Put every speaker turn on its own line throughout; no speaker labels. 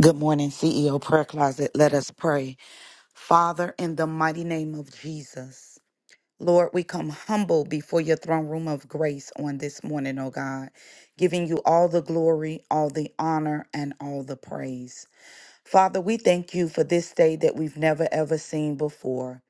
Good morning, CEO Prayer Closet. Let us pray. Father, in the mighty name of Jesus, Lord, we come humble before your throne room of grace on this morning, oh God, giving you all the glory, all the honor, and all the praise. Father, we thank you for this day that we've never ever seen before.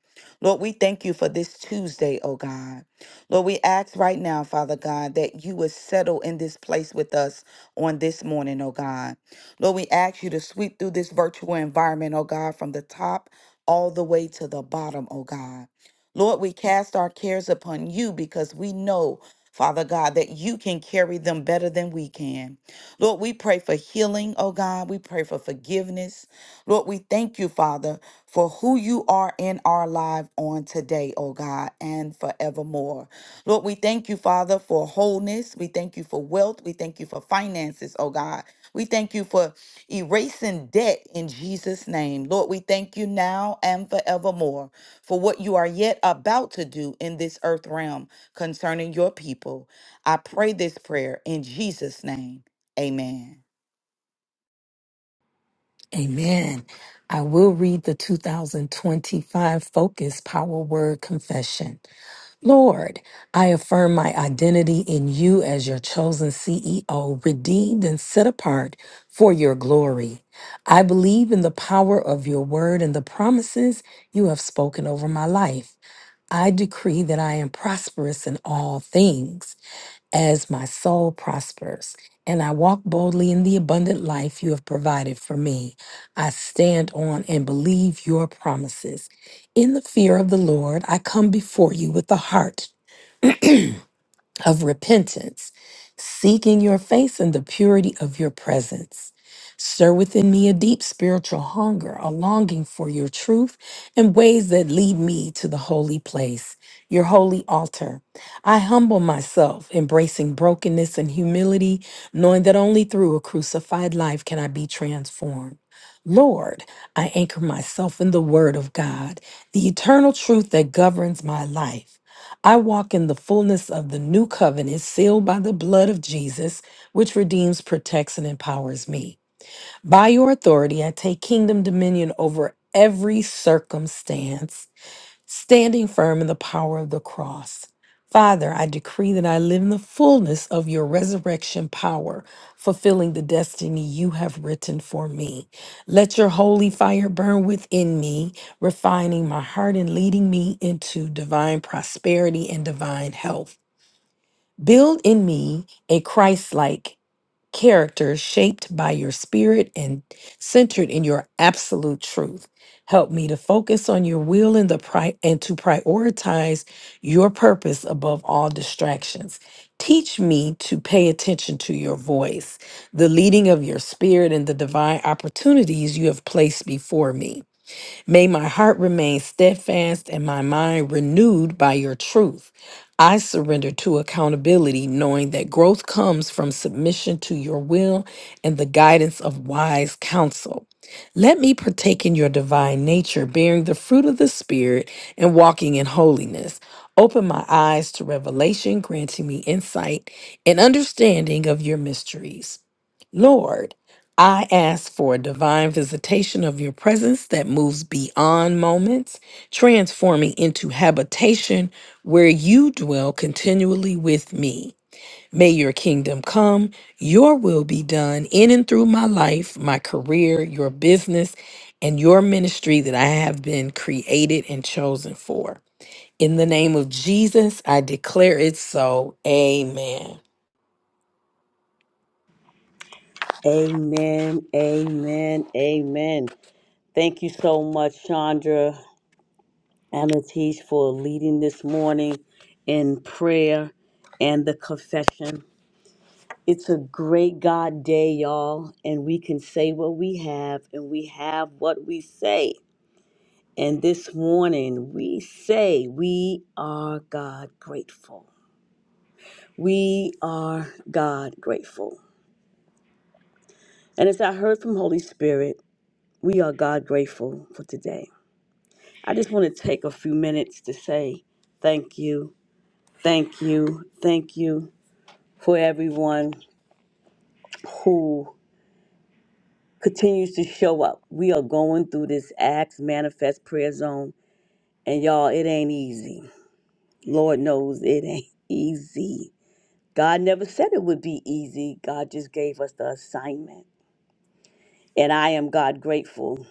Lord, we thank you for this Tuesday, oh God. Lord, we ask right now, Father God, that you would settle in this place with us on this morning, oh God. Lord, we ask you to sweep through this virtual environment, oh God, from the top all the way to the bottom, oh God. Lord, we cast our cares upon you because we know, Father God, that you can carry them better than we can. Lord, we pray for healing, oh God. We pray for forgiveness. Lord, we thank you, Father, for who you are in our life on today, oh God, and forevermore. Lord, we thank you, Father, for wholeness. We thank you for wealth. We thank you for finances, oh God. We thank you for erasing debt in Jesus' name. Lord, we thank you now and forevermore for what you are yet about to do in this earth realm concerning your people. I pray this prayer in Jesus' name. Amen.
Amen. I will read the 2025 Focus Power Word Confession. Lord, I affirm my identity in you as your chosen CEO, redeemed and set apart for your glory. I believe in the power of your word and the promises you have spoken over my life. I decree that I am prosperous in all things as my soul prospers, and I walk boldly in the abundant life you have provided for me. I stand on and believe your promises. In the fear of the Lord, I come before you with a heart of repentance, seeking your face and the purity of your presence. Stir within me a deep spiritual hunger, a longing for your truth and ways that lead me to the holy place, your holy altar. I humble myself, embracing brokenness and humility, knowing that only through a crucified life can I be transformed. Lord, I anchor myself in the Word of God, the eternal truth that governs my life. I walk in the fullness of the new covenant sealed by the blood of Jesus, which redeems, protects, and empowers me. By your authority, I take kingdom dominion over every circumstance standing firm in the power of the cross. Father, I decree that I live in the fullness of your resurrection power, fulfilling the destiny you have written for me. Let your holy fire burn within me, refining my heart and leading me into divine prosperity and divine health. Build in me a Christ like character shaped by your spirit and centered in your absolute truth. Help me to focus on your will and the pri- and to prioritize your purpose above all distractions. Teach me to pay attention to your voice, the leading of your spirit and the divine opportunities you have placed before me. May my heart remain steadfast and my mind renewed by your truth. I surrender to accountability, knowing that growth comes from submission to your will and the guidance of wise counsel. Let me partake in your divine nature, bearing the fruit of the Spirit and walking in holiness. Open my eyes to revelation, granting me insight and understanding of your mysteries. Lord, I ask for a divine visitation of your presence that moves beyond moments, transforming into habitation where you dwell continually with me. May your kingdom come, your will be done in and through my life, my career, your business, and your ministry that I have been created and chosen for. In the name of Jesus, I declare it so. Amen.
Amen, amen, amen. Thank you so much, Chandra and Latish, for leading this morning in prayer and the confession. It's a great God day, y'all, and we can say what we have and we have what we say. And this morning, we say we are God grateful. We are God grateful. And as I heard from Holy Spirit, we are God grateful for today. I just want to take a few minutes to say thank you, thank you, thank you for everyone who continues to show up. We are going through this Acts Manifest Prayer Zone, and y'all, it ain't easy. Lord knows it ain't easy. God never said it would be easy, God just gave us the assignment. And I am God grateful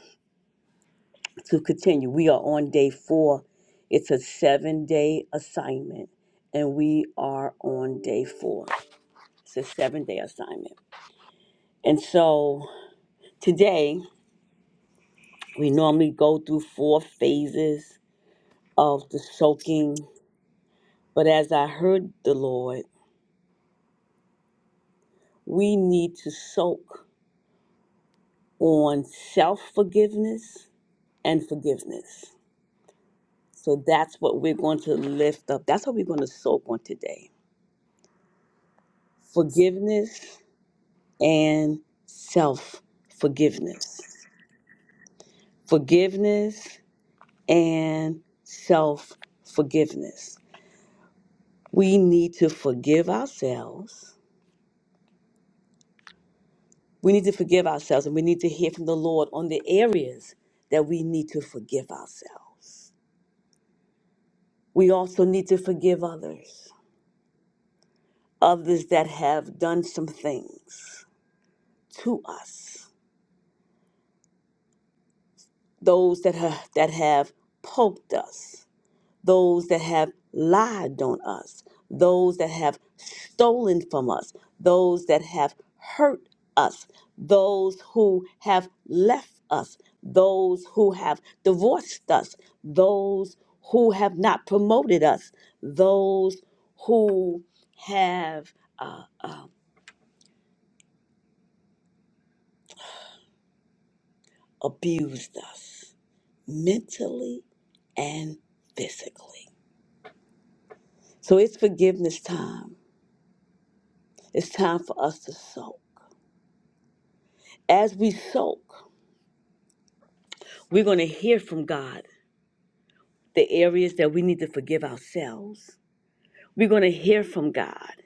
to continue. We are on day four. It's a seven day assignment, and we are on day four. It's a seven day assignment. And so today, we normally go through four phases of the soaking. But as I heard the Lord, we need to soak on self forgiveness and forgiveness. So that's what we're going to lift up. That's what we're going to soak on today forgiveness and self forgiveness. Forgiveness and self forgiveness We need to forgive ourselves. We need to forgive ourselves, and we need to hear from the Lord on the areas that we need to forgive ourselves. We also need to forgive others, others that have done some things to us, those that have, that have poked us, those that have lied on us, those that have stolen from us, those that have hurt us, those who have left us, those who have divorced us, those who have not promoted us, those who have uh, uh, abused us mentally and physically. So it's forgiveness time. It's time for us to soak. As we soak, we're going to hear from God the areas that we need to forgive ourselves. We're going to hear from God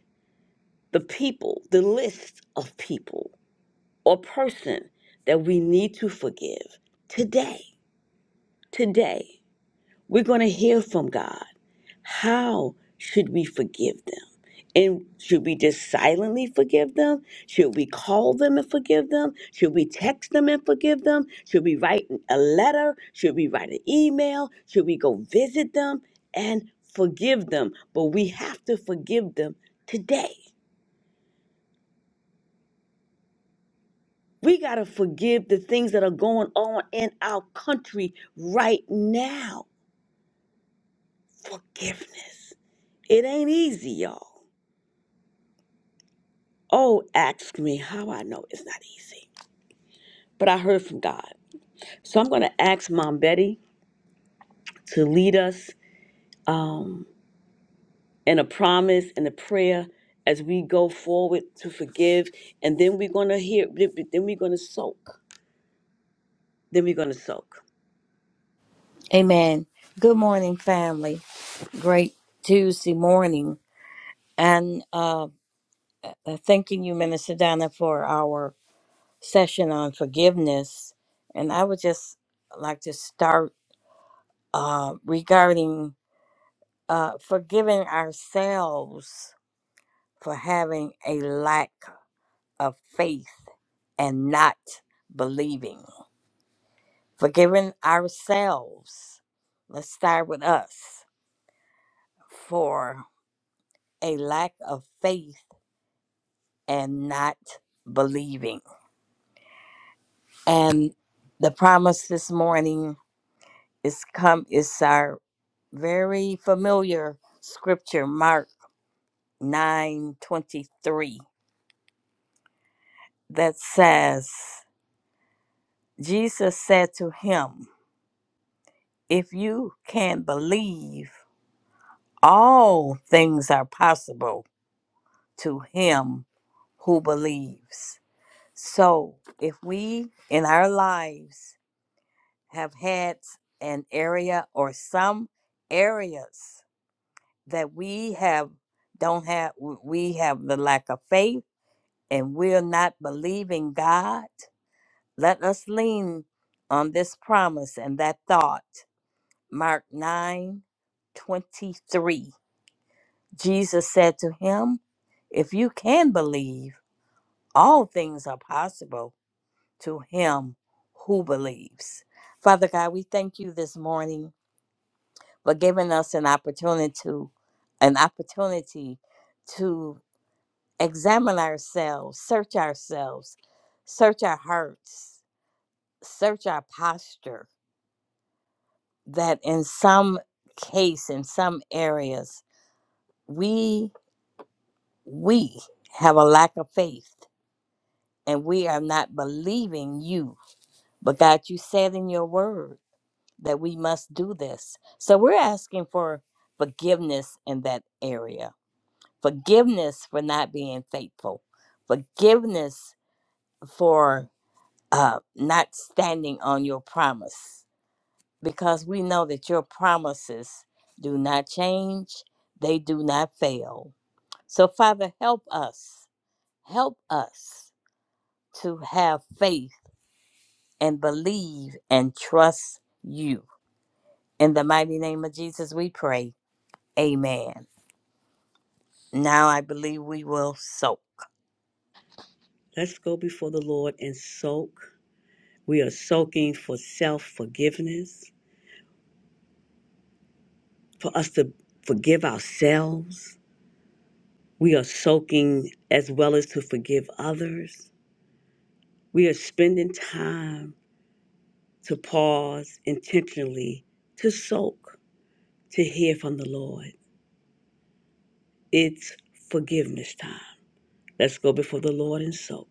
the people, the list of people or person that we need to forgive today. Today. We're going to hear from God. How should we forgive them? And should we just silently forgive them? Should we call them and forgive them? Should we text them and forgive them? Should we write a letter? Should we write an email? Should we go visit them and forgive them? But we have to forgive them today. We got to forgive the things that are going on in our country right now. Forgiveness. It ain't easy, y'all. Oh, ask me how I know it's not easy. But I heard from God. So I'm going to ask Mom Betty to lead us um, in a promise and a prayer as we go forward to forgive. And then we're going to hear, then we're going to soak. Then we're going to soak.
Amen. Good morning, family. Great Tuesday morning. And uh, uh, thanking you, Minister Donna, for our session on forgiveness. And I would just like to start uh, regarding uh, forgiving ourselves for having a lack of faith and not believing. Forgiving ourselves. Let's start with us for a lack of faith and not believing. And the promise this morning is come is our very familiar scripture, Mark nine twenty three, that says, Jesus said to him, If you can believe, all things are possible to him who believes. So if we in our lives have had an area or some areas that we have don't have we have the lack of faith and we're not believing god let us lean on this promise and that thought mark 9 23. jesus said to him if you can believe all things are possible to him who believes father god we thank you this morning but giving us an opportunity to an opportunity to examine ourselves, search ourselves, search our hearts, search our posture that in some case in some areas we we have a lack of faith and we are not believing you. But God, you said in your word that we must do this. So we're asking for forgiveness in that area forgiveness for not being faithful, forgiveness for uh, not standing on your promise, because we know that your promises do not change, they do not fail. So, Father, help us, help us to have faith and believe and trust you. In the mighty name of Jesus, we pray. Amen. Now I believe we will sow.
Let's go before the Lord and soak. We are soaking for self forgiveness, for us to forgive ourselves. We are soaking as well as to forgive others. We are spending time to pause intentionally, to soak, to hear from the Lord. It's forgiveness time. Let's go before the Lord and soak.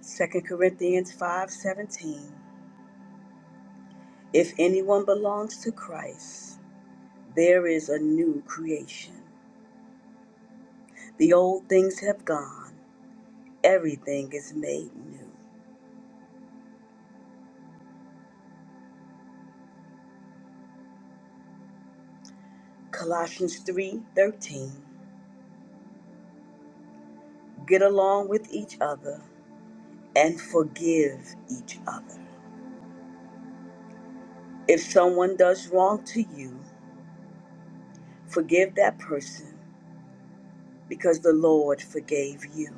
Second Corinthians 5:17 If anyone belongs to Christ, there is a new creation. The old things have gone, everything is made new. Colossians 3:13 Get along with each other and forgive each other. If someone does wrong to you, Forgive that person because the Lord forgave you.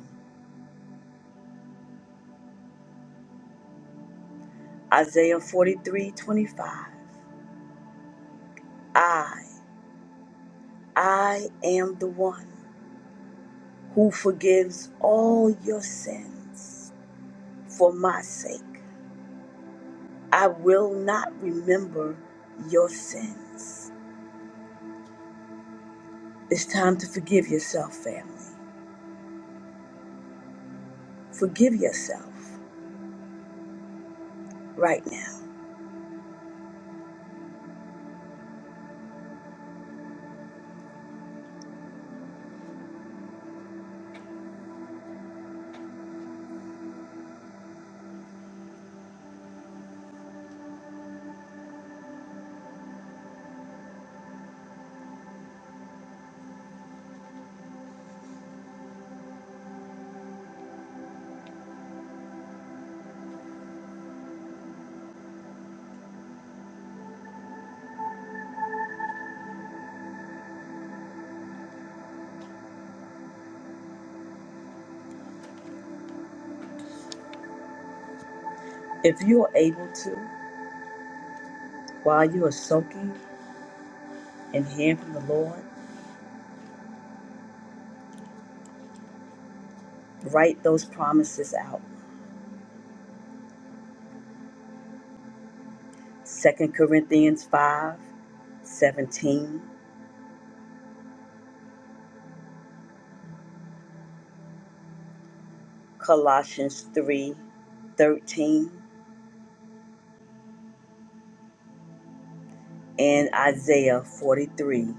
Isaiah 43:25. I, I am the one who forgives all your sins for my sake. I will not remember your sins. It's time to forgive yourself, family. Forgive yourself right now. If you are able to, while you are soaking and hearing from the Lord, write those promises out 2 Corinthians 5:17, Colossians 3:13, and Isaiah 43:25,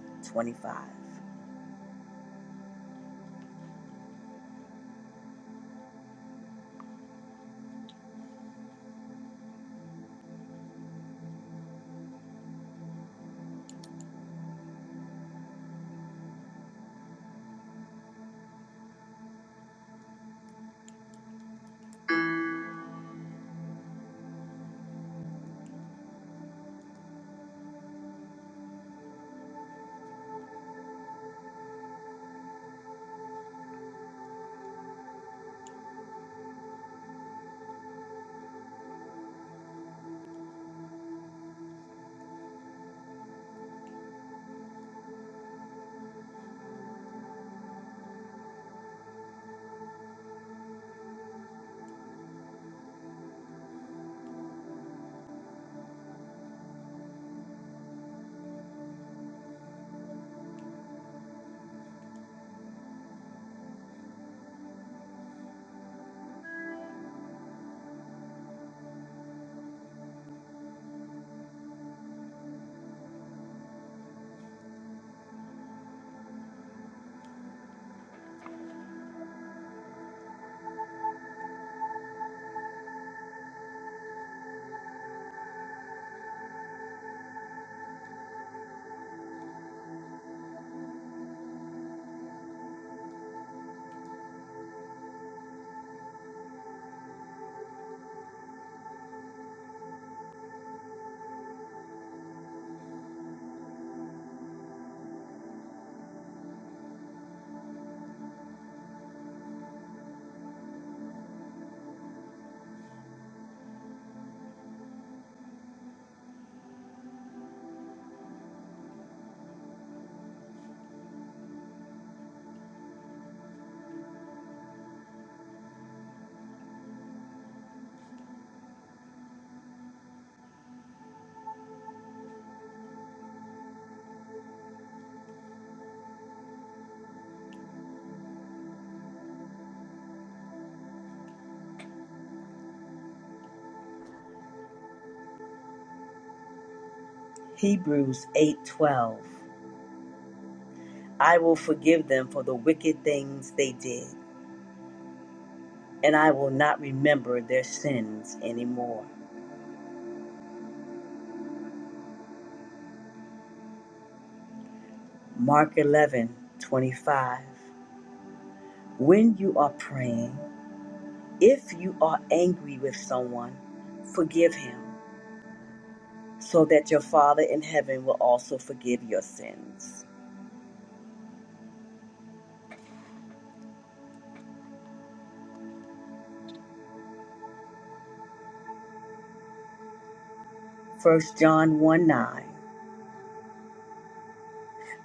Hebrews 8:12. I will forgive them for the wicked things they did, and I will not remember their sins anymore. Mark 11:25. When you are praying, if you are angry with someone, forgive him so that your Father in heaven will also forgive your sins. First John 1 9.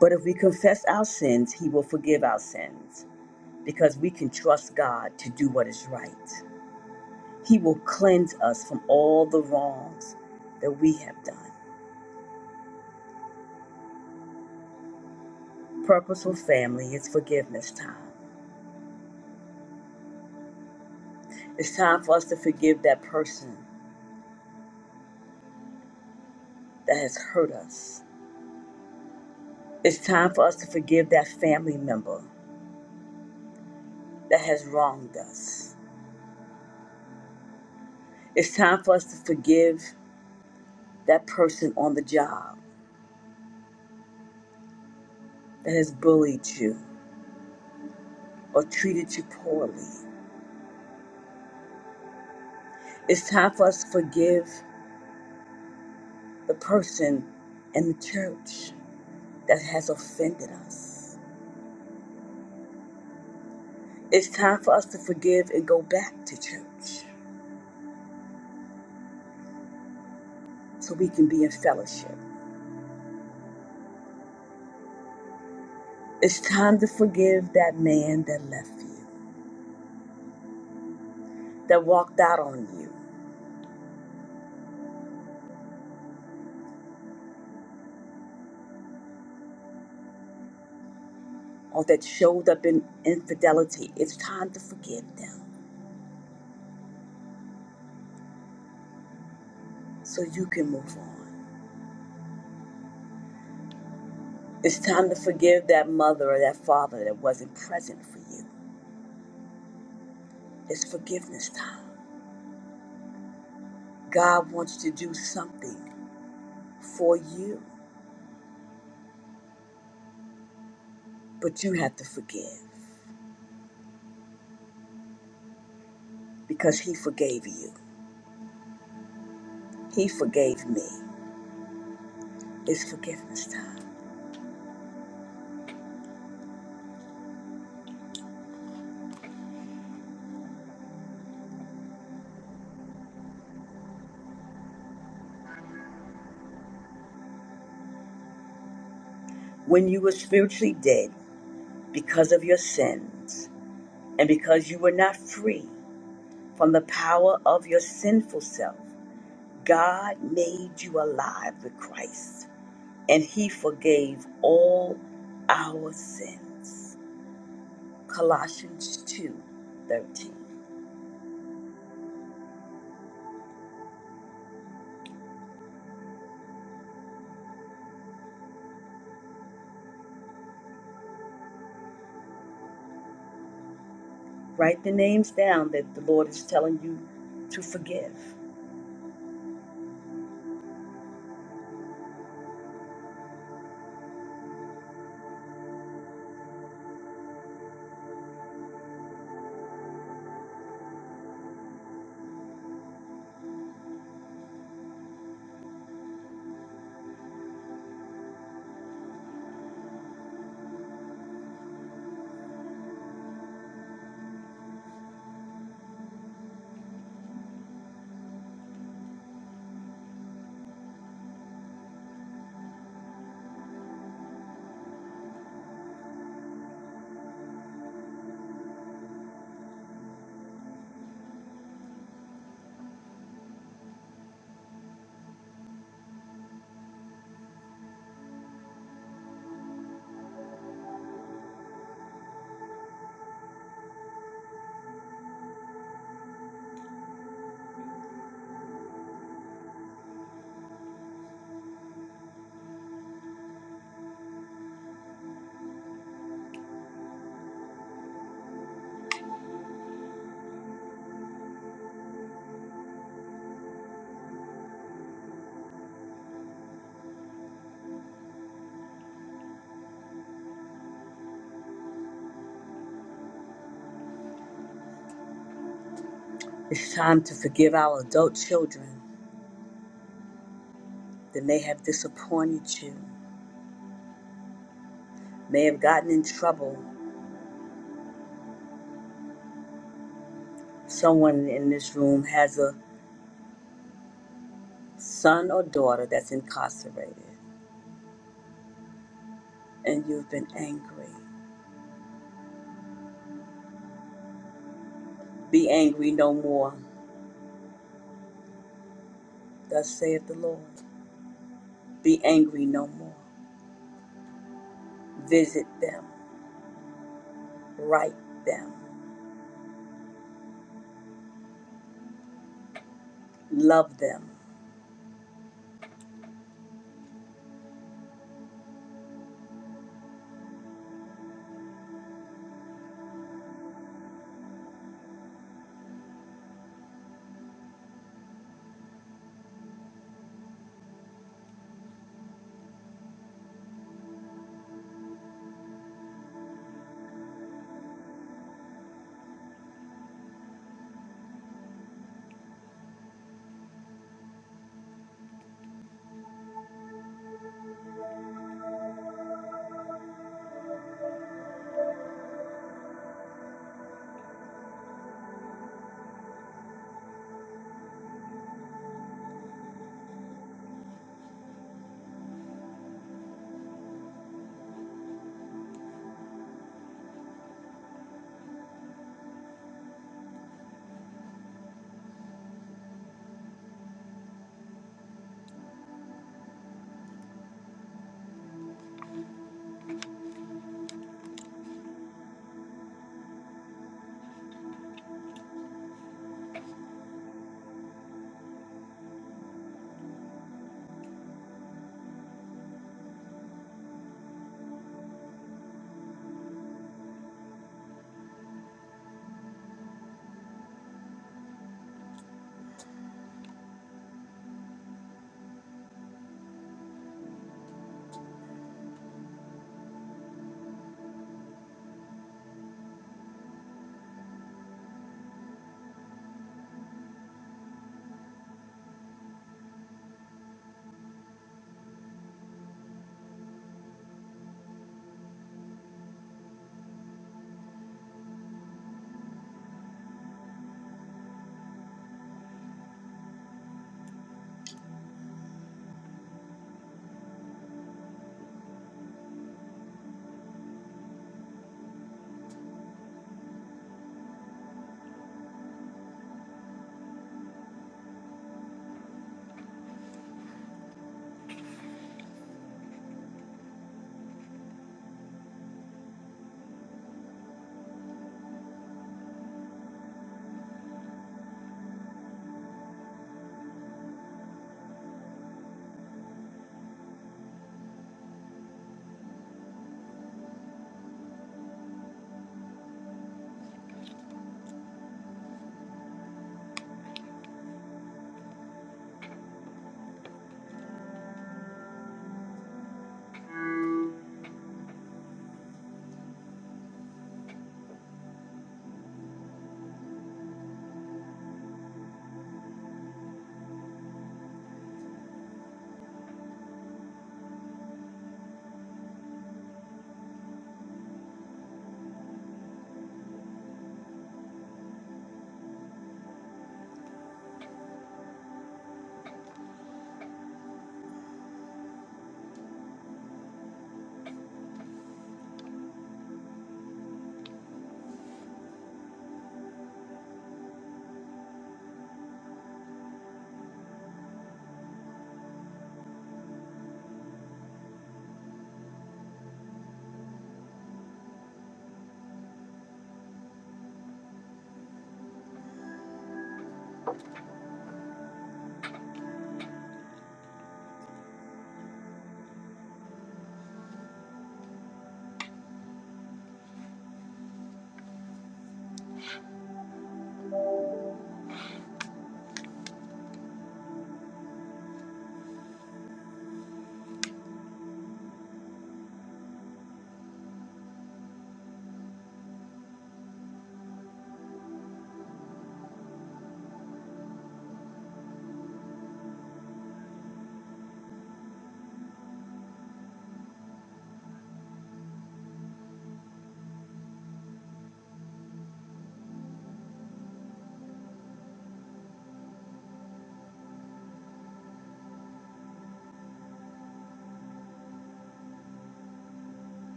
But if we confess our sins, he will forgive our sins because we can trust God to do what is right. He will cleanse us from all the wrongs that we have done. Purposeful family, it's forgiveness time. It's time for us to forgive that person that has hurt us. It's time for us to forgive that family member that has wronged us. It's time for us to forgive that person on the job that has bullied you or treated you poorly. It's time for us to forgive the person in the church that has offended us. It's time for us to forgive and go back to church so we can be in fellowship. It's time to forgive that man that left you, that walked out on you, or that showed up in infidelity. It's time to forgive them so you can move on. It's time to forgive that mother or that father that wasn't present for you. It's forgiveness time. God wants to do something for you, but you have to forgive because He forgave you. He forgave me. It's forgiveness time. When you were spiritually dead because of your sins and because you were not free from the power of your sinful self, God made you alive with Christ. and he forgave all our sins. Colossians 2 13. Write the names down that the Lord is telling you to forgive. It's time to forgive our adult children that may have disappointed you, may have gotten in trouble. Someone in this room has a son or daughter that's incarcerated, and you've been angry. Be angry no more, thus saith the Lord. Be angry no more. Visit them right them, love them.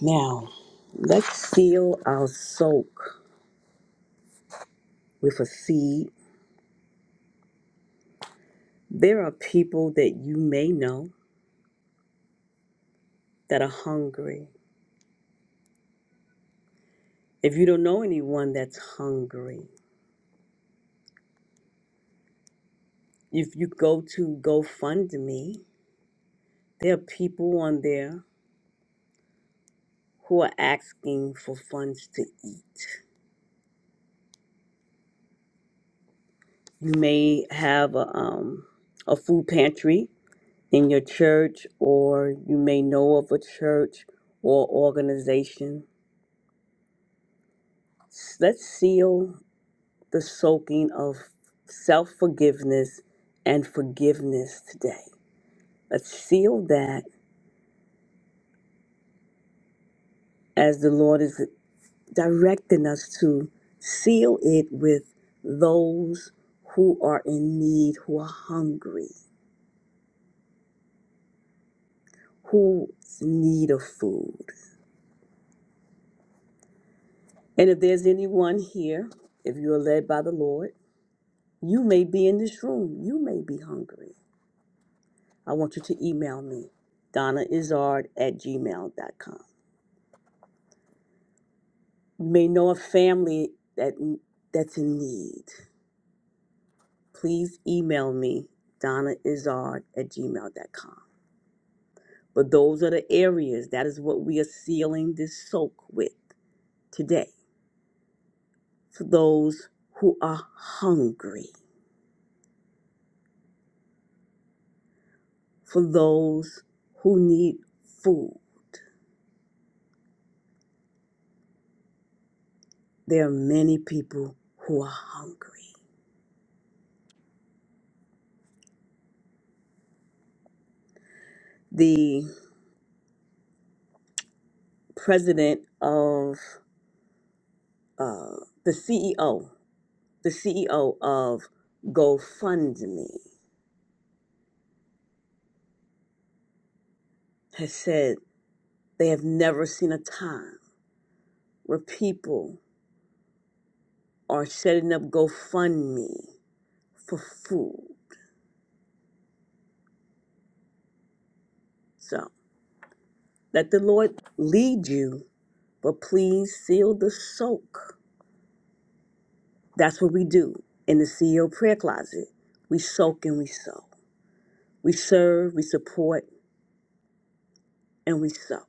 Now, let's seal our soak with a seed. There are people that you may know that are hungry. If you don't know anyone that's hungry, if you go to GoFundMe, there are people on there who are asking for funds to eat. You may have a, um, a food pantry in your church, or you may know of a church or organization Let's seal the soaking of self forgiveness and forgiveness today. Let's seal that as the Lord is directing us to seal it with those who are in need, who are hungry, who need of food. And if there's anyone here, if you are led by the Lord, you may be in this room. You may be hungry. I want you to email me, donnaizard at gmail dot com. You may know a family that that's in need. Please email me, Donna Izard at gmail.com. But those are the areas that is what we are sealing this soak with today. For those who are hungry, for those who need food. There are many people who are hungry. The president of uh, the CEO The CEO of GoFundMe has said they have never seen a time where people are setting up GoFundMe for food. So let the Lord lead you, but please seal the soak. That's what we do in the CEO prayer closet. We soak and we sow. We serve, we support, and we sow.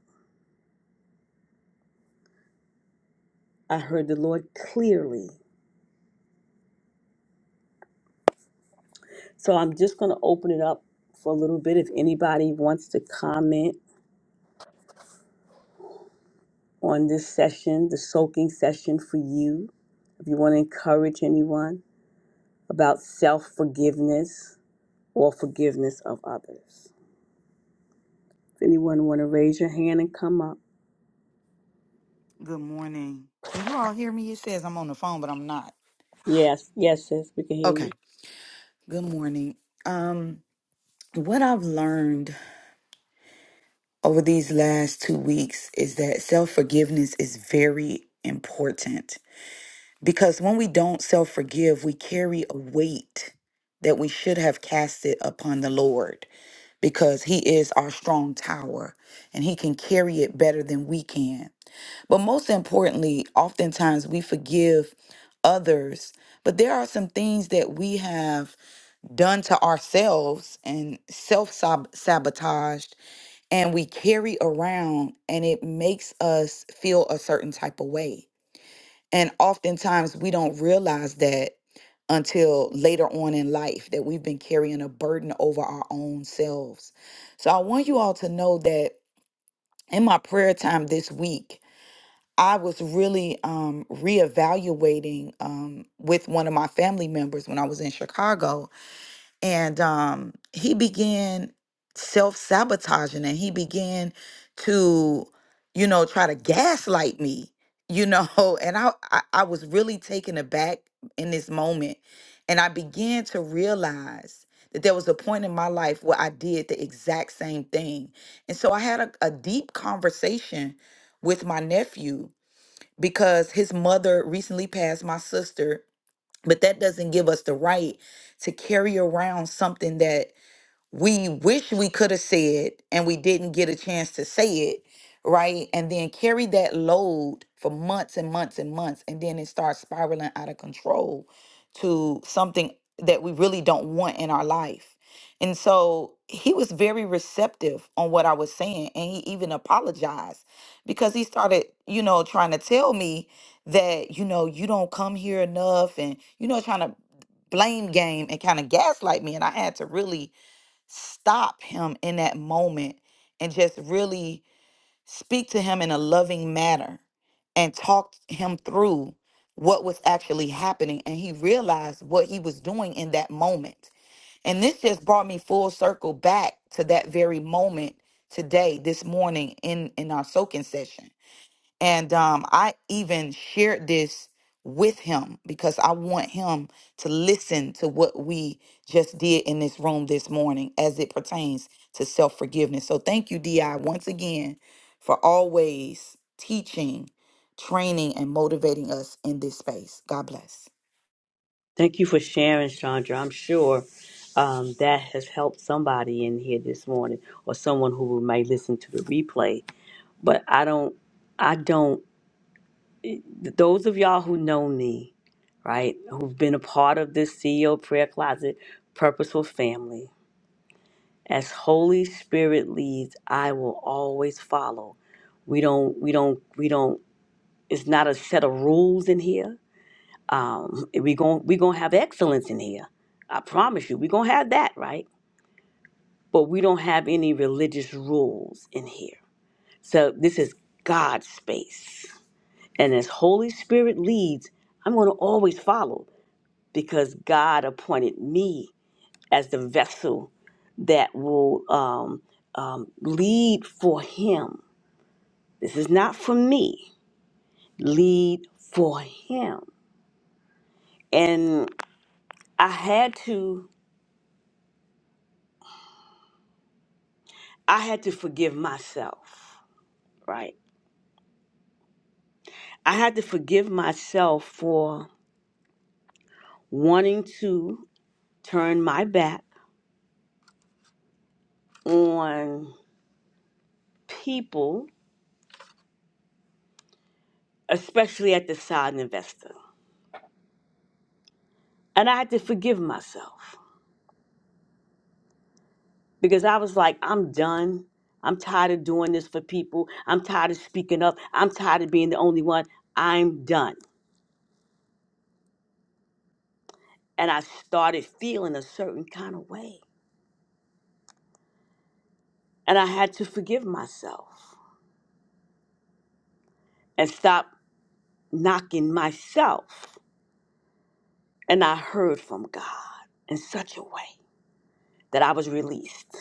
I heard the Lord clearly. So I'm just going to open it up for a little bit if anybody wants to comment on this session, the soaking session for you. If you want to encourage anyone about self forgiveness or forgiveness of others. If anyone want to raise your hand and come up.
Good morning. Can you all hear me? It says I'm on the phone, but I'm not.
Yes, yes, sis, we can hear you.
Okay. Good morning. Um, what I've learned over these last two weeks is that self forgiveness is very important because when we don't self forgive, we carry a weight that we should have casted upon the Lord because He is our strong tower and He can carry it better than we can. But most importantly, oftentimes we forgive others, but there are some things that we have done to ourselves and self sabotaged, and we carry around, and it makes us feel a certain type of way. And oftentimes we don't realize that until later on in life that we've been carrying a burden over our own selves. So I want you all to know that in my prayer time this week, I was really um, reevaluating um, with one of my family members when I was in Chicago, and um, he began self sabotaging and he began to, you know, try to gaslight me, you know, and I, I I was really taken aback in this moment, and I began to realize that there was a point in my life where I did the exact same thing, and so I had a, a deep conversation with my nephew because his mother recently passed my sister but that doesn't give us the right to carry around something that we wish we could have said and we didn't get a chance to say it right and then carry that load for months and months and months and then it starts spiraling out of control to something that we really don't want in our life and so he was very receptive on what i was saying and he even apologized because he started you know trying to tell me that you know you don't come here enough and you know trying to blame game and kind of gaslight me and i had to really stop him in that moment and just really speak to him in a loving manner and talk him through what was actually happening and he realized what he was doing in that moment and this just brought me full circle back to that very moment today this morning in in our soaking session and um, I even shared this with him because I want him to listen to what we just did in this room this morning as it pertains to self forgiveness. So thank you, DI, once again for always teaching, training, and motivating us in this space. God bless.
Thank you for sharing, Chandra. I'm sure um, that has helped somebody in here this morning or someone who might listen to the replay. But I don't, I don't those of y'all who know me, right, who've been a part of this CEO Prayer Closet Purposeful Family, as Holy Spirit leads, I will always follow. We don't, we don't, we don't. It's not a set of rules in here. Um, we gon' we gonna have excellence in here. I promise you, we are gonna have that, right? But we don't have any religious rules in here. So this is God's space, and as Holy Spirit leads, I'm gonna always follow because God appointed me as the vessel that will um, um, lead for Him. This is not for me. Lead for Him, and I had to. I had to forgive myself. Right. I had to forgive myself for wanting to turn my back on people, especially at the side investor, and I had to forgive myself because I was like, I'm done. I'm tired of doing this for people. I'm tired of speaking up. I'm tired of being the only one. I'm done. And I started feeling a certain kind of way. And I had to forgive myself and stop knocking myself. And I heard from God in such a way that I was released.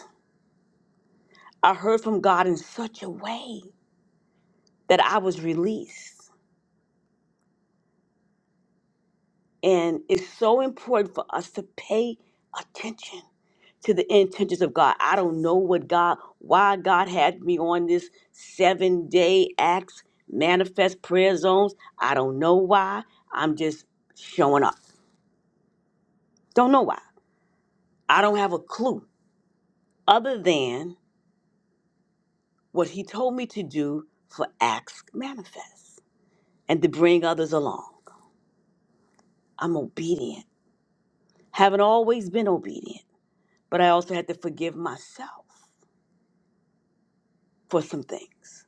I heard from God in such a way that I was released. And it's so important for us to pay attention to the intentions of God. I don't know what God, why God had me on this seven day acts, manifest prayer zones. I don't know why. I'm just showing up. Don't know why. I don't have a clue other than what He told me to do for acts manifest and to bring others along. I'm obedient. Haven't always been obedient, but I also had to forgive myself for some things.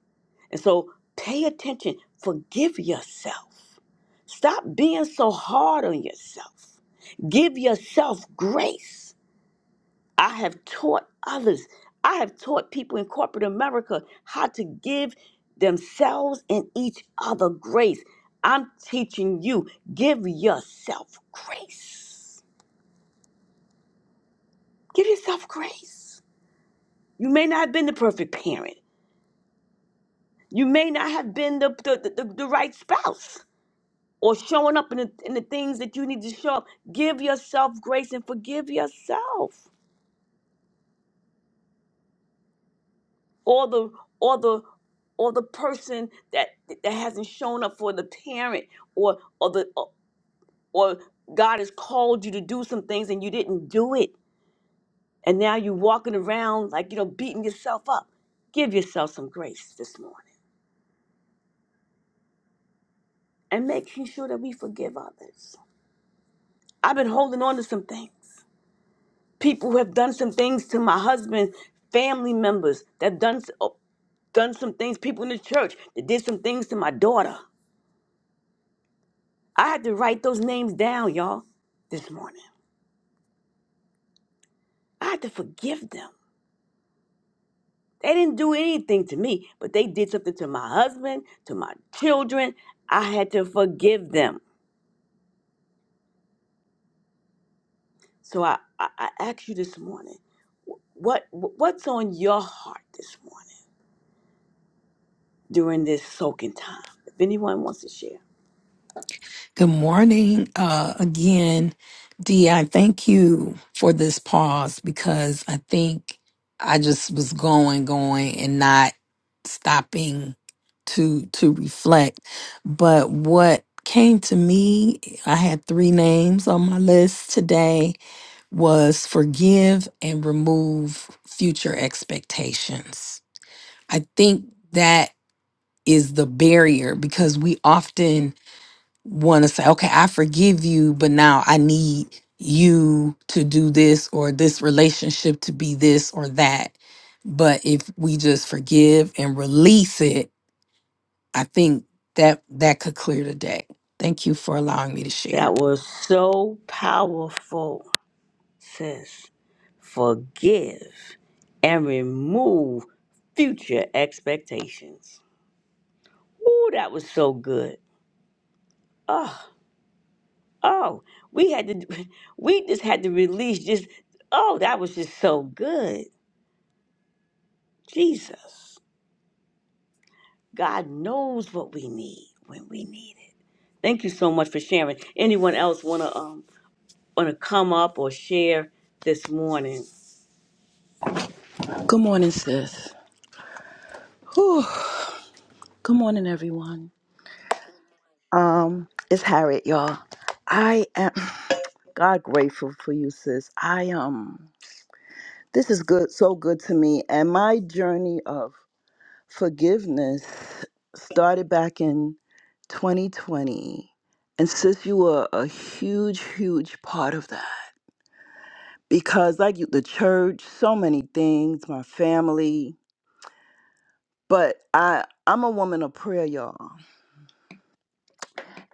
And so pay attention, forgive yourself. Stop being so hard on yourself. Give yourself grace. I have taught others, I have taught people in corporate America how to give themselves and each other grace. I'm teaching you, give yourself grace. Give yourself grace. You may not have been the perfect parent. You may not have been the, the, the, the right spouse or showing up in the, in the things that you need to show up. Give yourself grace and forgive yourself. Or the or the or the person that that hasn't shown up for the parent or or the or, or God has called you to do some things and you didn't do it. And now you're walking around like you know beating yourself up. Give yourself some grace this morning and making sure that we forgive others. I've been holding on to some things. People who have done some things to my husband, family members that have done so. done some things, people in the church that did some things to my daughter. I had to write those names down, y'all, this morning. I had to forgive them. They didn't do anything to me, but they did something to my husband, to my children. I had to forgive them. So I, I, I ask you this morning, what what's on your heart this morning during this soaking time? If anyone wants to share.
Good morning uh, again, Dee. I thank you for this pause because I think I just was going, going, and not stopping to to reflect. But what came to me, I had three names on my list today: was forgive and remove future expectations. I think that is the barrier because we often want to say, okay, I forgive you, but now I need you to do this or this relationship to be this or that. But if we just forgive and release it, I think that that could clear the deck. Thank you for allowing me to share.
That was so powerful, sis. forgive, and remove future expectations. Ooh, that was so good. Oh, oh, we had to, we just had to release just, oh, that was just so good. Jesus, God knows what we need when we need it. Thank you so much for sharing. Anyone else wanna um wanna come up or share this morning?
Good morning, sis. Whew. Good morning, everyone. Um, it's Harriet, y'all. I am God grateful for you, sis. I um this is good, so good to me. And my journey of forgiveness started back in 2020. And sis, you were a huge, huge part of that. Because like you the church, so many things, my family. But I I'm a woman of prayer, y'all.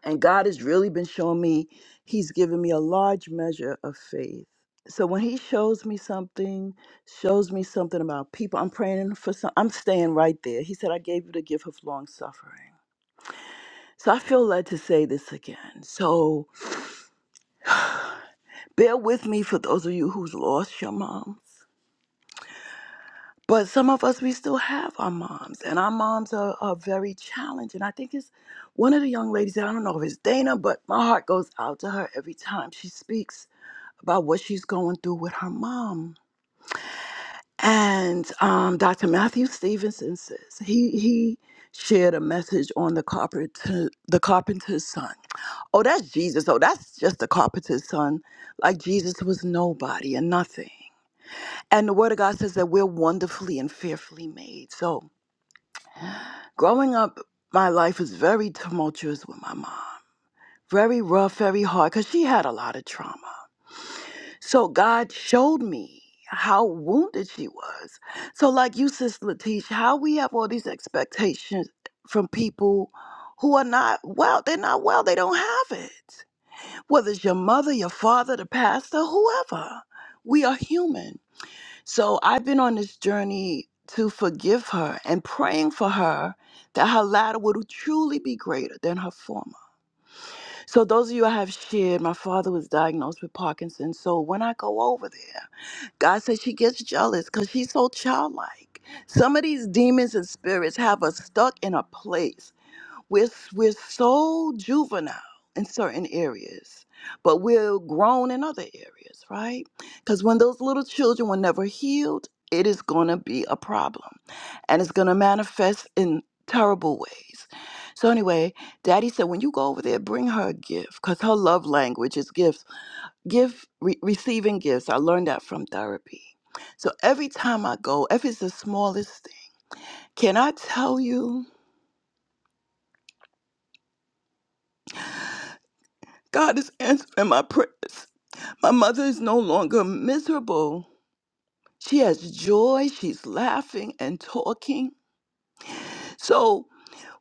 And God has really been showing me, He's given me a large measure of faith. So when He shows me something, shows me something about people, I'm praying for some, I'm staying right there. He said, I gave you the gift of long suffering. So I feel led to say this again. So bear with me for those of you who's lost your moms. But some of us, we still have our moms, and our moms are, are very challenging. I think it's one of the young ladies, I don't know if it's Dana, but my heart goes out to her every time she speaks about what she's going through with her mom. And um, Dr. Matthew Stevenson says he he shared a message on the carpenter the carpenter's son. Oh, that's Jesus. Oh, that's just the carpenter's son. Like Jesus was nobody and nothing. And the word of God says that we're wonderfully and fearfully made. So growing up, my life was very tumultuous with my mom. Very rough, very hard, because she had a lot of trauma. So God showed me how wounded she was. So, like you, Sis Latish, how we have all these expectations from people who are not well, they're not well, they don't have it. Whether it's your mother, your father, the pastor, whoever, we are human. So, I've been on this journey to forgive her and praying for her that her latter would truly be greater than her former. So, those of you I have shared, my father was diagnosed with Parkinson's. So, when I go over there, God says she gets jealous because she's so childlike. Some of these demons and spirits have us stuck in a place. We're, we're so juvenile in certain areas, but we're grown in other areas, right? Because when those little children were never healed, it is going to be a problem and it's going to manifest in terrible ways. So, anyway, Daddy said, when you go over there, bring her a gift because her love language is gifts give re- receiving gifts i learned that from therapy so every time i go if it's the smallest thing can i tell you god is answering my prayers my mother is no longer miserable she has joy she's laughing and talking so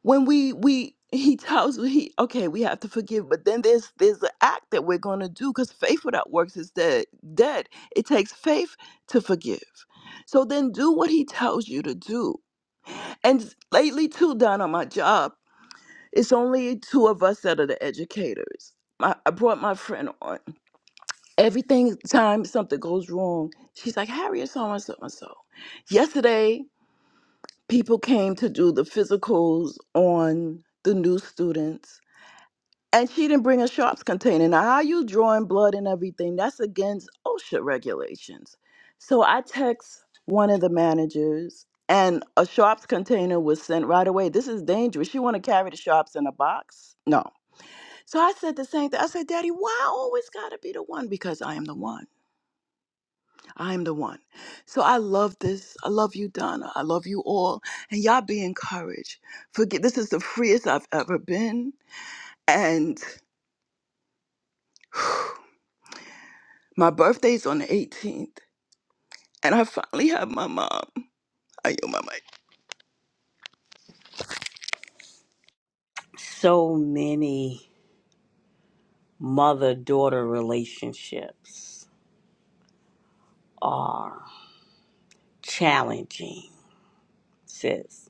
when we we he tells me he okay we have to forgive but then there's there's an act that we're going to do because faith without works is dead dead it takes faith to forgive so then do what he tells you to do And lately, too, down on my job, it's only two of us that are the educators. My, I brought my friend on. Every thing- time something goes wrong, she's like, Harriet, so and so and so. Yesterday, people came to do the physicals on the new students and she didn't bring a sharps container. Now, how you drawing blood and everything? That's against OSHA regulations. So I text one of the managers, and a sharps container was sent right away. This is dangerous. You want to carry the sharps in a box? No. So I said the same thing. I said, Daddy, why I always gotta be the one? Because I am the one. I am the one. So I love this. I love you, Donna. I love you all, and y'all be encouraged. Forget this is the freest I've ever been, and. My birthday's on the 18th, and I finally have my mom. I owe my mic.
So many mother daughter relationships are. challenging, sis.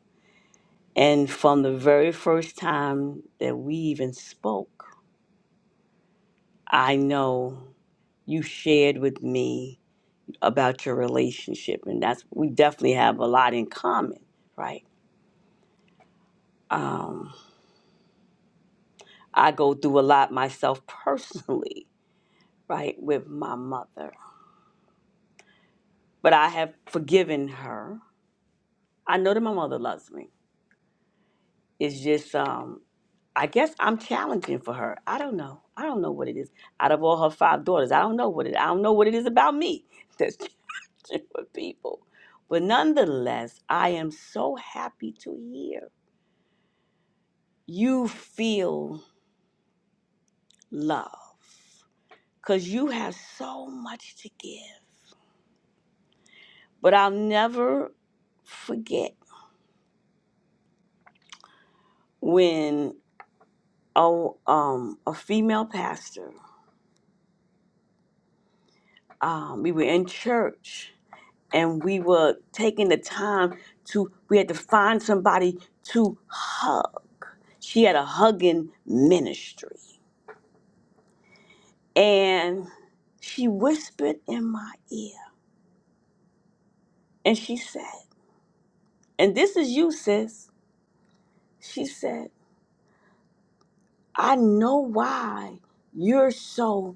And from the very first time that we even spoke, I know you shared with me about your relationship, and that's we definitely have a lot in common, right? Um, I go through a lot myself personally, right, with my mother, but I have forgiven her. I know that my mother loves me. It's just um. I guess I'm challenging for her. I don't know. I don't know what it is. Out of all her five daughters, I don't know what it. I don't know what it is about me that's challenging for people. But nonetheless, I am so happy to hear you feel love because you have so much to give. But I'll never forget when oh um a female pastor um we were in church and we were taking the time to we had to find somebody to hug she had a hugging ministry and she whispered in my ear and she said and this is you sis she said i know why you're so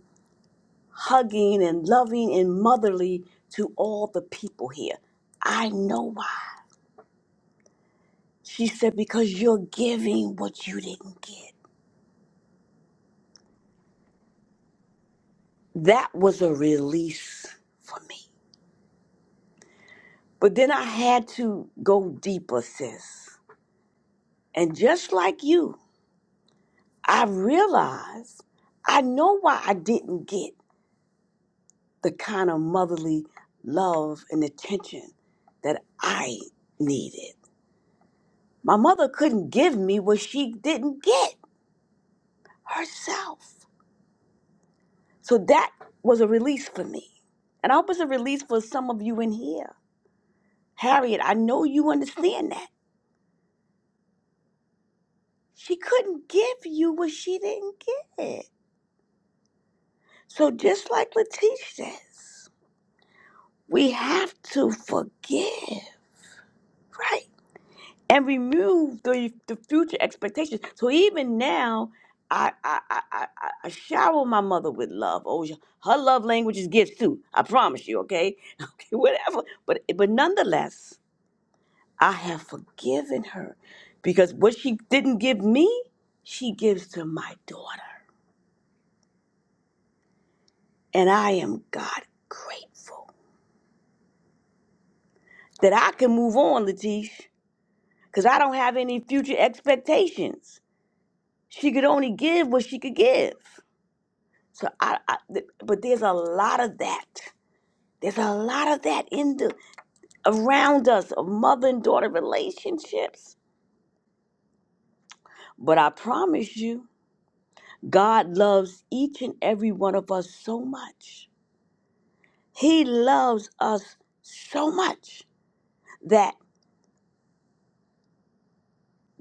hugging and loving and motherly to all the people here i know why she said because you're giving what you didn't get That was a release for me. But then I had to go deeper, sis. And just like you, I realized I know why I didn't get the kind of motherly love and attention that I needed. My mother couldn't give me what she didn't get herself. So that was a release for me. And I hope it's a release for some of you in here. Harriet, I know you understand that. She couldn't give you what she didn't get. So just like Latish says, we have to forgive, right? And remove the, the future expectations. So even now, I, I, I, I, I I shower my mother with love. Oh, yeah. her love language is gifts too. I promise you, okay? Okay, whatever. But but nonetheless, I have forgiven her because what she didn't give me, she gives to my daughter. And I am God grateful that I can move on, Latish, because I don't have any future expectations. She could only give what she could give. So I, I th- but there's a lot of that. There's a lot of that in the around us of mother and daughter relationships. But I promise you, God loves each and every one of us so much. He loves us so much that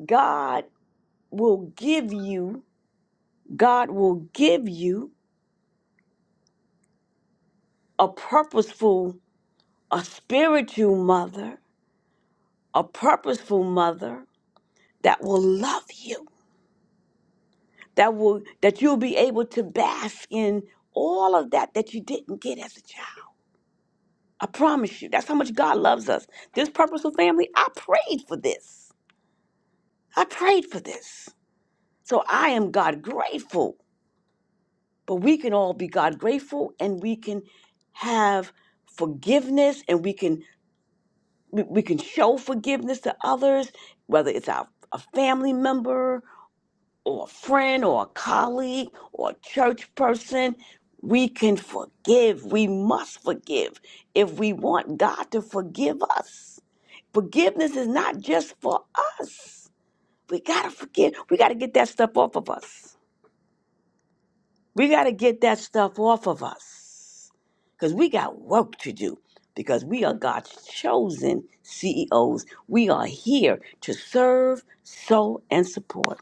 God will give you God will give you a purposeful, a spiritual mother, a purposeful mother that will love you, that will that you'll be able to bask in all of that that you didn't get as a child. I promise you, that's how much God loves us. This purposeful family, I prayed for this. I prayed for this. So I am God grateful. But we can all be God grateful and we can have forgiveness and we can we, we can show forgiveness to others, whether it's our, a family member or a friend or a colleague or a church person. We can forgive. We must forgive if we want God to forgive us. Forgiveness is not just for us. We got to forgive. We got to get that stuff off of us. We got to get that stuff off of us because we got work to do because we are God's chosen CEOs. We are here to serve, sow, and support.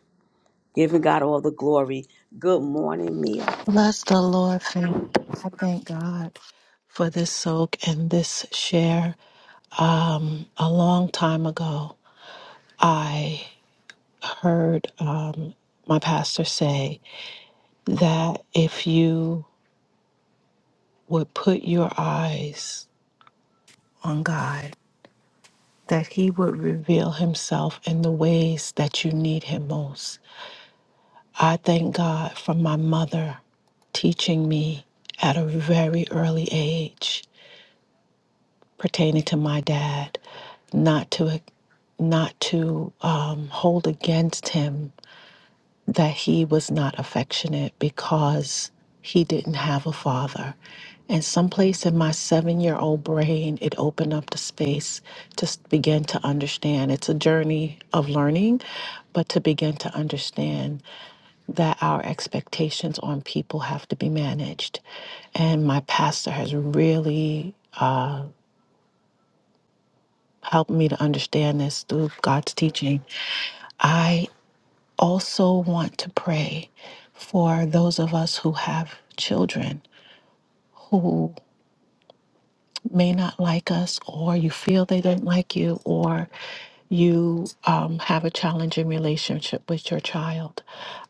Giving God all the glory. Good morning, Mia.
Bless the Lord, family. I thank God for this soak and this share. A long time ago, I heard um, my pastor say that if you would put your eyes on God, that He would reveal Himself in the ways that you need Him most. I thank God for my mother teaching me at a very early age pertaining to my dad, not to not to um, hold against him that he was not affectionate because he didn't have a father. And someplace in my seven year old brain, it opened up the space to s- begin to understand. It's a journey of learning, but to begin to understand that our expectations on people have to be managed. And my pastor has really Help me to understand this through God's teaching. I also want to pray for those of us who have children who may not like us, or you feel they don't like you, or you um, have a challenging relationship with your child.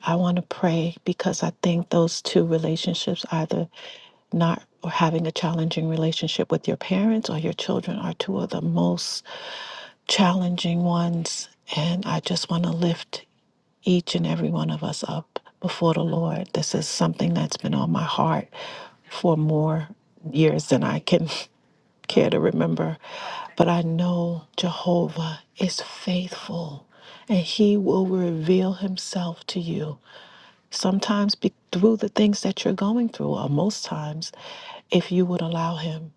I want to pray because I think those two relationships, either not or having a challenging relationship with your parents or your children, are two of the most challenging ones. And I just want to lift each and every one of us up before the Lord. This is something that's been on my heart for more years than I can care to remember. But I know Jehovah is faithful and he will reveal himself to you sometimes be, through the things that you're going through, or most times, if you would allow Him.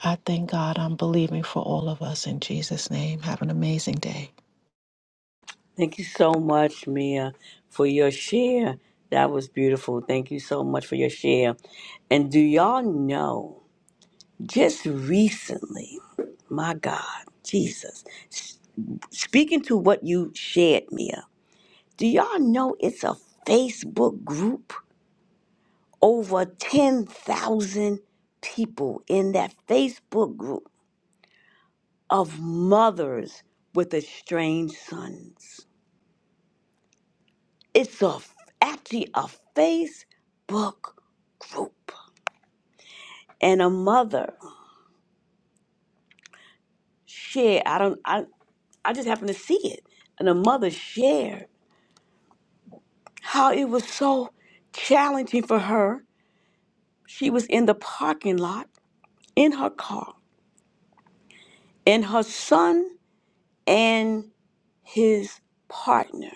I thank God. I'm believing for all of us in Jesus' name. Have an amazing day.
Thank you so much, Mia, for your share. That was beautiful. Thank you so much for your share. And do y'all know, just recently, my God, Jesus, s- speaking to what you shared, Mia. Do y'all know it's a Facebook group? Over 10,000 people in that Facebook group of mothers with estranged sons. It's a actually a Facebook group. And a mother shared, I don't I, I just happened to see it. And a mother shared how it was so challenging for her. She was in the parking lot in her car and her son and his partner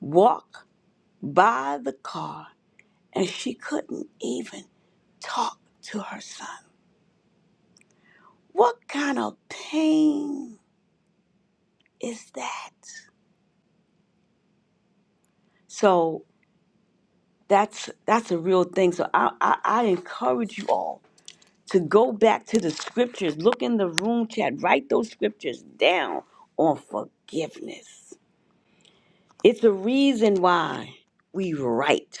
walk by the car and she couldn't even talk to her son. What kind of pain is that? So that's that's a real thing. So I, I, I encourage you all to go back to the scriptures, look in the room chat, write those scriptures down on forgiveness. It's a reason why we write.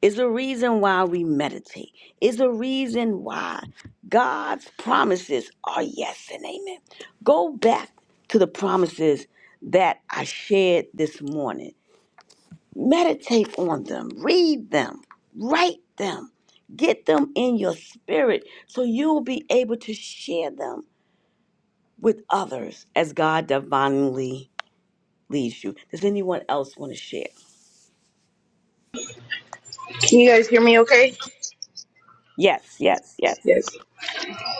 It's a reason why we meditate. It's a reason why God's promises are yes and amen. Go back to the promises that I shared this morning. Meditate on them, read them, write them, get them in your spirit so you'll be able to share them with others as God divinely leads you. Does anyone else want to share?
Can you guys hear me okay?
Yes, yes, yes.
Yes.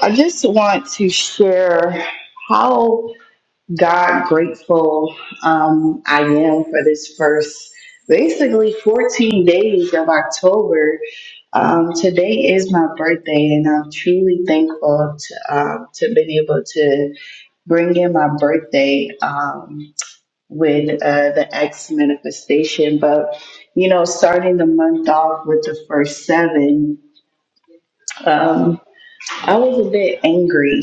I just want to share how God grateful um, I am for this first, basically 14 days of October. Um, today is my birthday, and I'm truly thankful to, um, to been able to bring in my birthday um, with uh, the X manifestation. But, you know, starting the month off with the first seven. Um, I was a bit angry,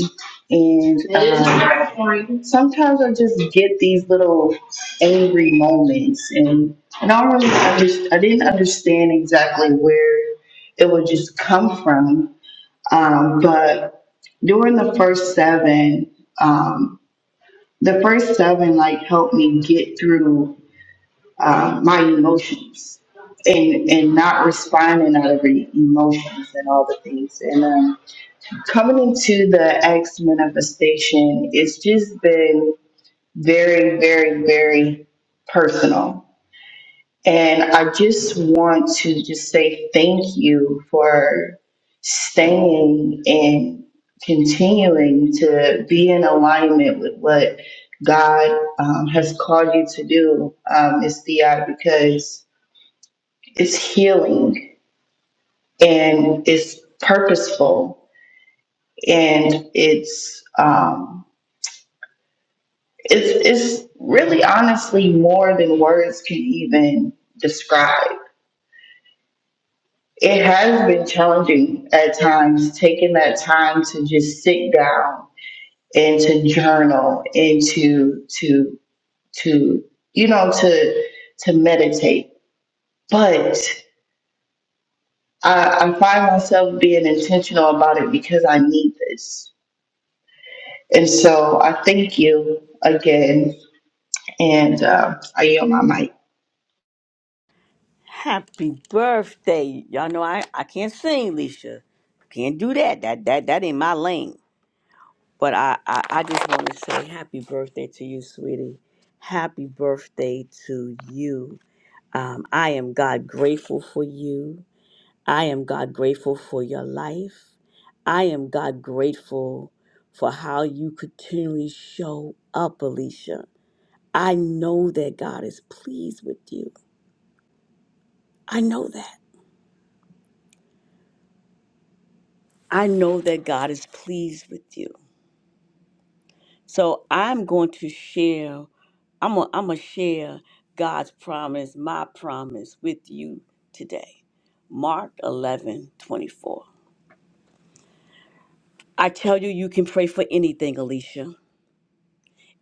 and um, sometimes I just get these little angry moments, and and I don't really under, I didn't understand exactly where it would just come from. Um, but during the first seven, um, the first seven like helped me get through uh, my emotions and and not responding out of the emotions and all the things, and um, Coming into the X manifestation, it's just been very, very, very personal. And I just want to just say thank you for staying and continuing to be in alignment with what God um, has called you to do, um, Ms. Thea, because it's healing and it's purposeful and it's. Um, it's it's really honestly more than words can even describe. It has been challenging at times, taking that time to just sit down and to journal and to to to you know to to meditate. But I, I find myself being intentional about it because I need this. And so I thank you again, and uh, I yield my mic.
Happy birthday. Y'all know I, I can't sing, Leisha. Can't do that. That that that ain't my lane. But I, I, I just want to say happy birthday to you, sweetie. Happy birthday to you. Um, I am God grateful for you. I am God grateful for your life. I am God grateful for how you continually show up, Alicia. I know that God is pleased with you. I know that. I know that God is pleased with you. So I'm going to share, I'm going I'm to share God's promise, my promise with you today. Mark 11 24. I tell you, you can pray for anything, Alicia.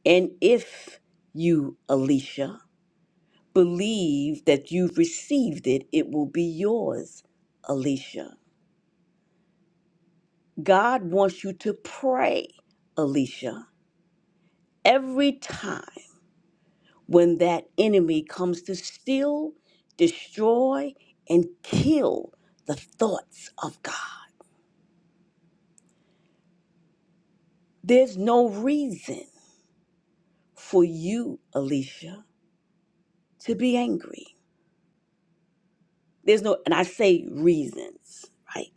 And if you, Alicia, believe that you've received it, it will be yours, Alicia. God wants you to pray, Alicia, every time. when that enemy comes to steal, destroy, and kill the thoughts of God. There's no reason for you, Alicia, to be angry. There's no, and I say reasons, right?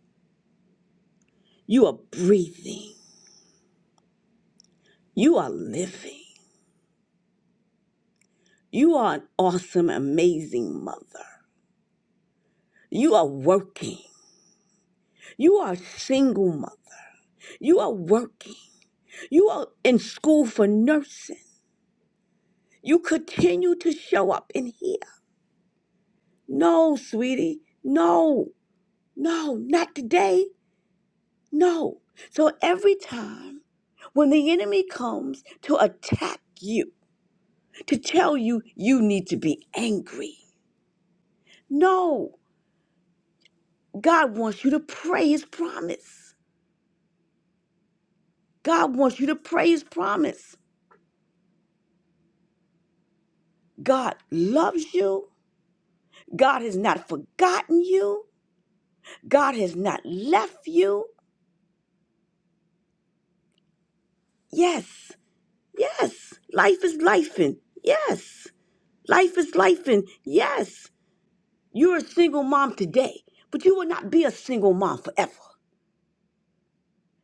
You are breathing, you are living, you are an awesome, amazing mother, you are working. You are a single mother. You are working. You are in school for nursing. You continue to show up in here. No, sweetie. No, no, not today. No. So every time when the enemy comes to attack you, to tell you you need to be angry, no, God wants you to pray his promise. God wants you to pray his promise. God loves you. God has not forgotten you. God has not left you. Yes. Yes, life is life and yes, life is life and yes. You're a single mom today, but you will not be a single mom forever.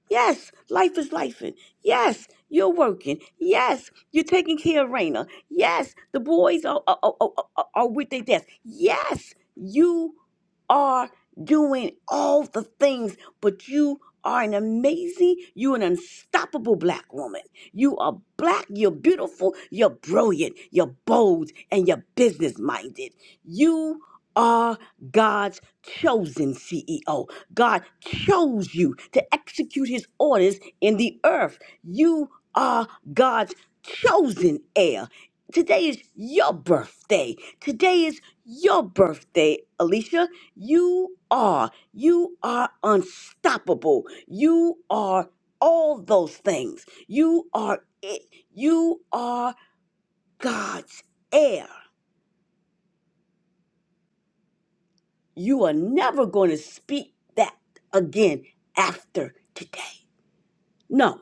Yes, life is life. Yes, you're working. Yes, you're taking care of Raina. Yes, the boys are, are, are, are, are with their desk. Yes, you are doing all the things, but you are an amazing, you an unstoppable black woman. You are black, you're beautiful, you're brilliant, you're bold, and you're business minded. You are God's chosen CEO. God chose you to execute his orders in the earth. You are God's chosen heir. Today is your birthday. Today is your birthday, Alicia. You are. You are unstoppable. You are all those things. You are it. You are God's heir. You are never going to speak that again after today. No.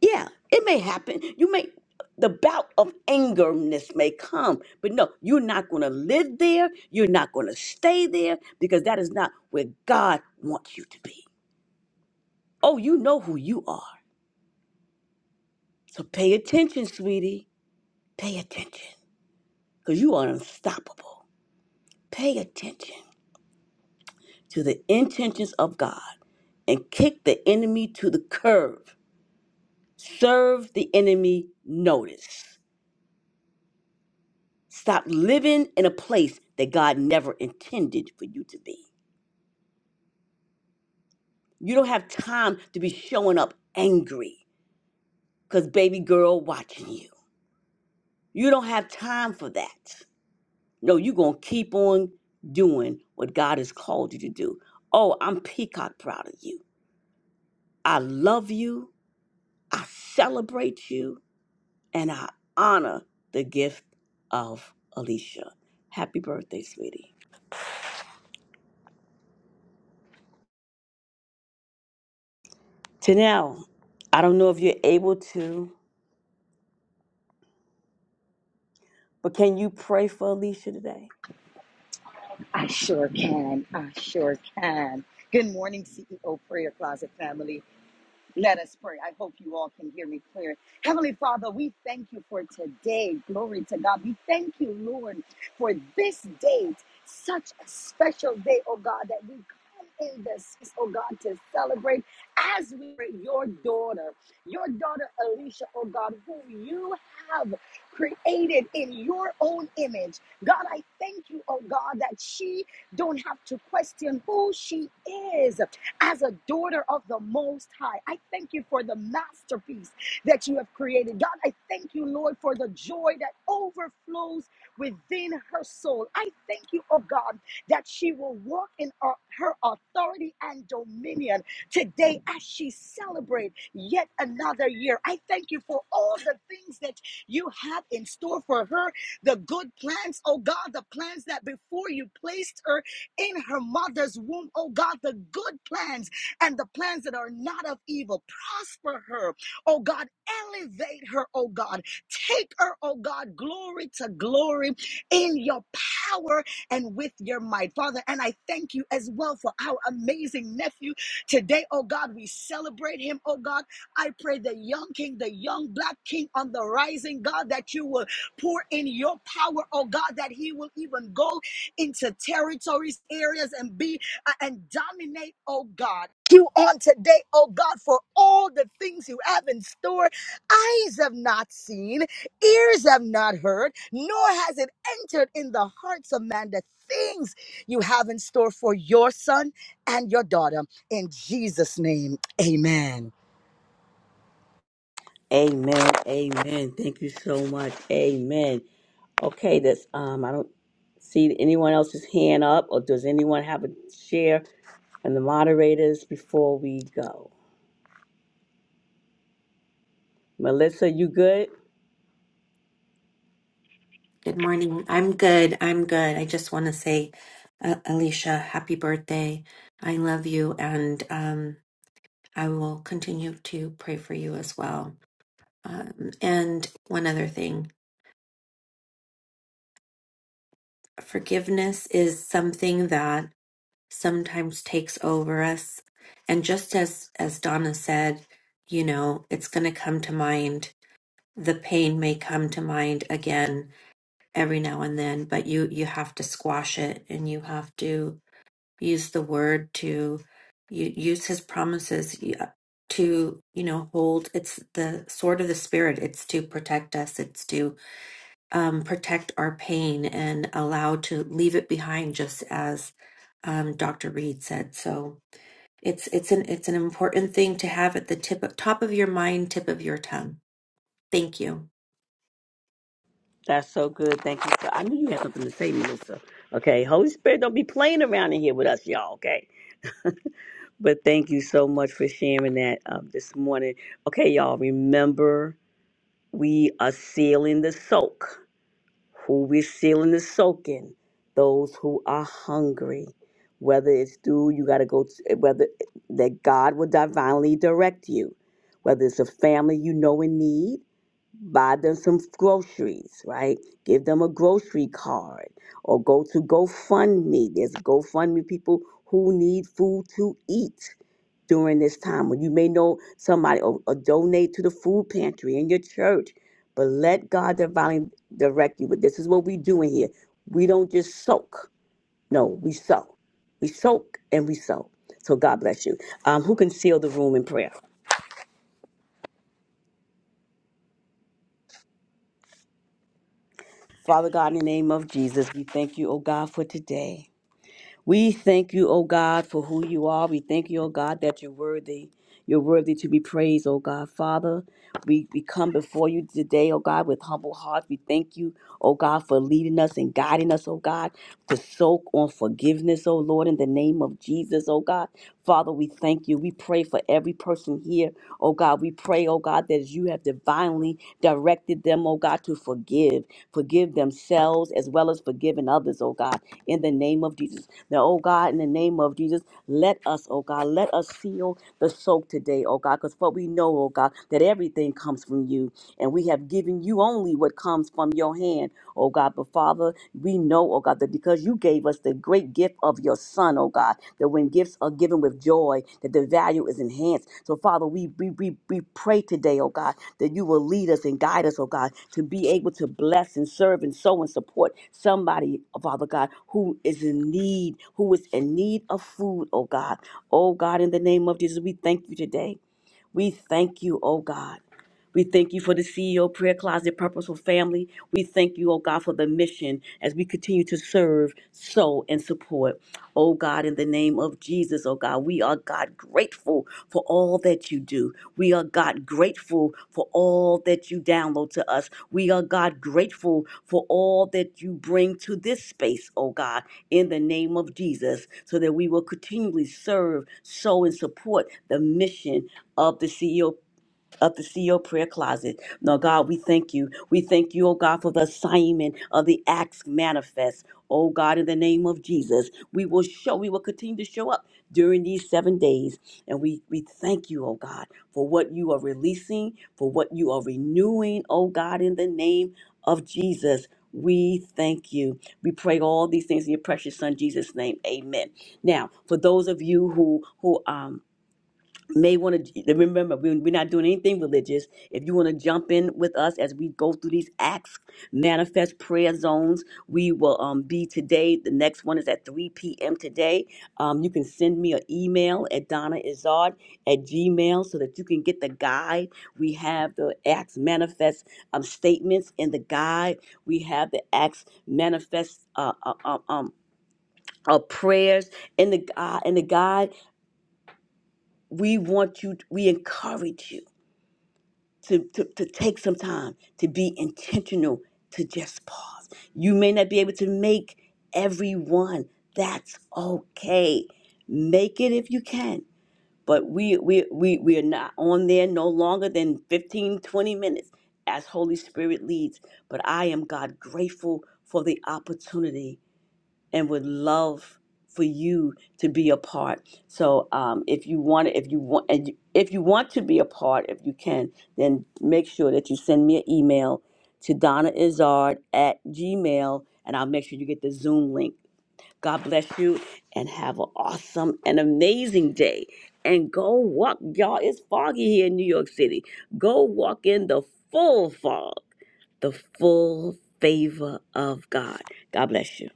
Yeah, it may happen. You may the bout of angerness may come, but no, you're not going to live there. You're not going to stay there because that is not where God wants you to be. Oh, you know who you are. So pay attention, sweetie. Pay attention because you are unstoppable. Pay attention to the intentions of God and kick the enemy to the curb. Serve the enemy notice. Stop living in a place that God never intended for you to be. You don't have time to be showing up angry because baby girl watching you. You don't have time for that. No, you're going to keep on doing what God has called you to do. Oh, I'm peacock proud of you. I love you. I celebrate you. And I honor the gift of Alicia. Happy birthday, sweetie. To now, I don't know if you're able to. But can you pray for Alicia today?
I sure can. I sure can. Good morning, CEO Prayer Closet family. Let us pray. I hope you all can hear me clear. Heavenly Father, we thank you for today. Glory to God. We thank you, Lord, for this date, such a special day, oh God, that we come in this, oh God, to celebrate as we are your daughter, your daughter Alicia, oh God, who you have created in your own image. God, I thank you, oh God, that she don't have to question who she is as a daughter of the Most High. I thank you for the masterpiece that you have created. God, I thank you, Lord, for the joy that overflows within her soul. I thank you, oh God, that she will walk in her her authority and dominion today as she celebrates yet another year. I thank you for all the things that you have in store for her, the good plans, oh God, the plans that before you placed her in her mother's womb, oh God, the good plans and the plans that are not of evil. Prosper her, oh God. Elevate her, oh God. Take her, oh God, glory to glory in your power and with your might. Father, and I thank you as well for our amazing nephew today, oh God. We celebrate him, oh God. I pray the young king, the young black king on the rising, God, that you will pour in your power, oh God, that he will even go into territories, areas, and be uh, and dominate, oh God. You on today, oh God, for all the things you have in store. Eyes have not seen, ears have not heard, nor has it entered in the hearts of man the things you have in store for your son and your daughter. In Jesus' name, amen.
Amen. Amen. Thank you so much. Amen. Okay, that's um I don't see anyone else's hand up or does anyone have a share and the moderators before we go? Melissa, you good?
Good morning. I'm good. I'm good. I just want to say, uh, Alicia, happy birthday. I love you, and um, I will continue to pray for you as well. Um, and one other thing forgiveness is something that sometimes takes over us. And just as, as Donna said, you know, it's going to come to mind. The pain may come to mind again every now and then, but you, you have to squash it and you have to use the word to u- use his promises y- uh, to you know hold it's the sword of the spirit it's to protect us it's to um, protect our pain and allow to leave it behind just as um, dr reed said so it's it's an it's an important thing to have at the tip of, top of your mind tip of your tongue thank you
That's so good. Thank you. So I knew you had something to say, Melissa. Okay. Holy Spirit, don't be playing around in here with us, y'all, okay? But thank you so much for sharing that um, this morning. Okay, y'all, remember we are sealing the soak. who we're sealing and soaking, those who are hungry, whether it's through you got to go, to, whether eh, that God will divinely direct you, whether it's a family you know in need, buy them some groceries, right? Give them a grocery card or go to GoFundMe. There's GoFundMe people who need food to eat during this time when you may know somebody or, or donate to the food pantry in your church, but let God divinely direct you. But this is what we do in here. We don't just soak. No, we sow. We soak and we sow. So God bless you. Um, who can seal the room in prayer? Father God, in the name of Jesus, we thank you, oh God, for today. We thank you, O God, for who you are. We thank you, O God, that you're worthy. You're worthy to be praised, O God. Father, we, we come before you today, O God, with humble hearts. We thank you, O God, for leading us and guiding us, O God, to soak on forgiveness, O Lord, in the name of Jesus, O God. Father, we thank you. We pray for every person here Oh God, we pray, oh God, that as you have divinely directed them, oh God, to forgive, forgive themselves as well as forgiving others, oh God, in the name of Jesus. Now, oh God, in the name of Jesus, let us, oh God, let us seal the soak today, oh God, because what we know, oh God, that everything comes from you and we have given you only what comes from your hand, oh God. But Father, we know, oh God, that because you gave us the great gift of your Son, oh God, that when gifts are given with joy, that the value is enhanced. So, Father, we, we, we, we pray today, oh God, that you will lead us and guide us, oh God, to be able to bless and serve and sow and support somebody, oh Father God, who is in need, who is in need of food, oh God. Oh God, in the name of Jesus, we thank you today. We thank you, oh God. We thank you for the CEO Prayer Closet Purposeful Family. We thank you, oh God, for the mission as we continue to serve, sow, and support. Oh God, in the name of Jesus, oh God, we are God grateful for all that you do. We are God grateful for all that you download to us. We are God grateful for all that you bring to this space, oh God, in the name of Jesus, so that we will continually serve, sow, and support the mission of the CEO of the CEO prayer closet. Now, God, we thank you. We thank you, oh God, for the assignment of the acts manifest. Oh God, in the name of Jesus, we will show, we will continue to show up during these seven days. And we, we thank you, oh God, for what you are releasing, for what you are renewing, oh God, in the name of Jesus. We thank you. We pray all these things in your precious son Jesus' name. Amen. Now, for those of you who who um may want to remember we- we're not doing anything religious if you want to jump in with us as we go through these acts manifest prayer zones we will um, be today the next one is at 3 p.m today um, you can send me an email at donnaizard at gmail so that you can get the guide we have the acts manifest um, statements in the guide we have the acts manifest uh, uh, um, um, uh, prayers in the uh, in the guide we want you we encourage you to, to, to take some time to be intentional to just pause. You may not be able to make everyone. That's okay. Make it if you can. But we we we we are not on there no longer than 15 20 minutes as Holy Spirit leads. But I am God grateful for the opportunity and would love for you to be a part. So um, if you want, if you want, and you- if you want to be a part, if you can, then make sure that you send me an email to Donna Izard at Gmail, and I'll make sure you get the Zoom link. God bless you, and have an awesome and amazing day. And go walk, y'all. It's foggy here in New York City. Go walk in the full fog, the full favor of God. God bless you.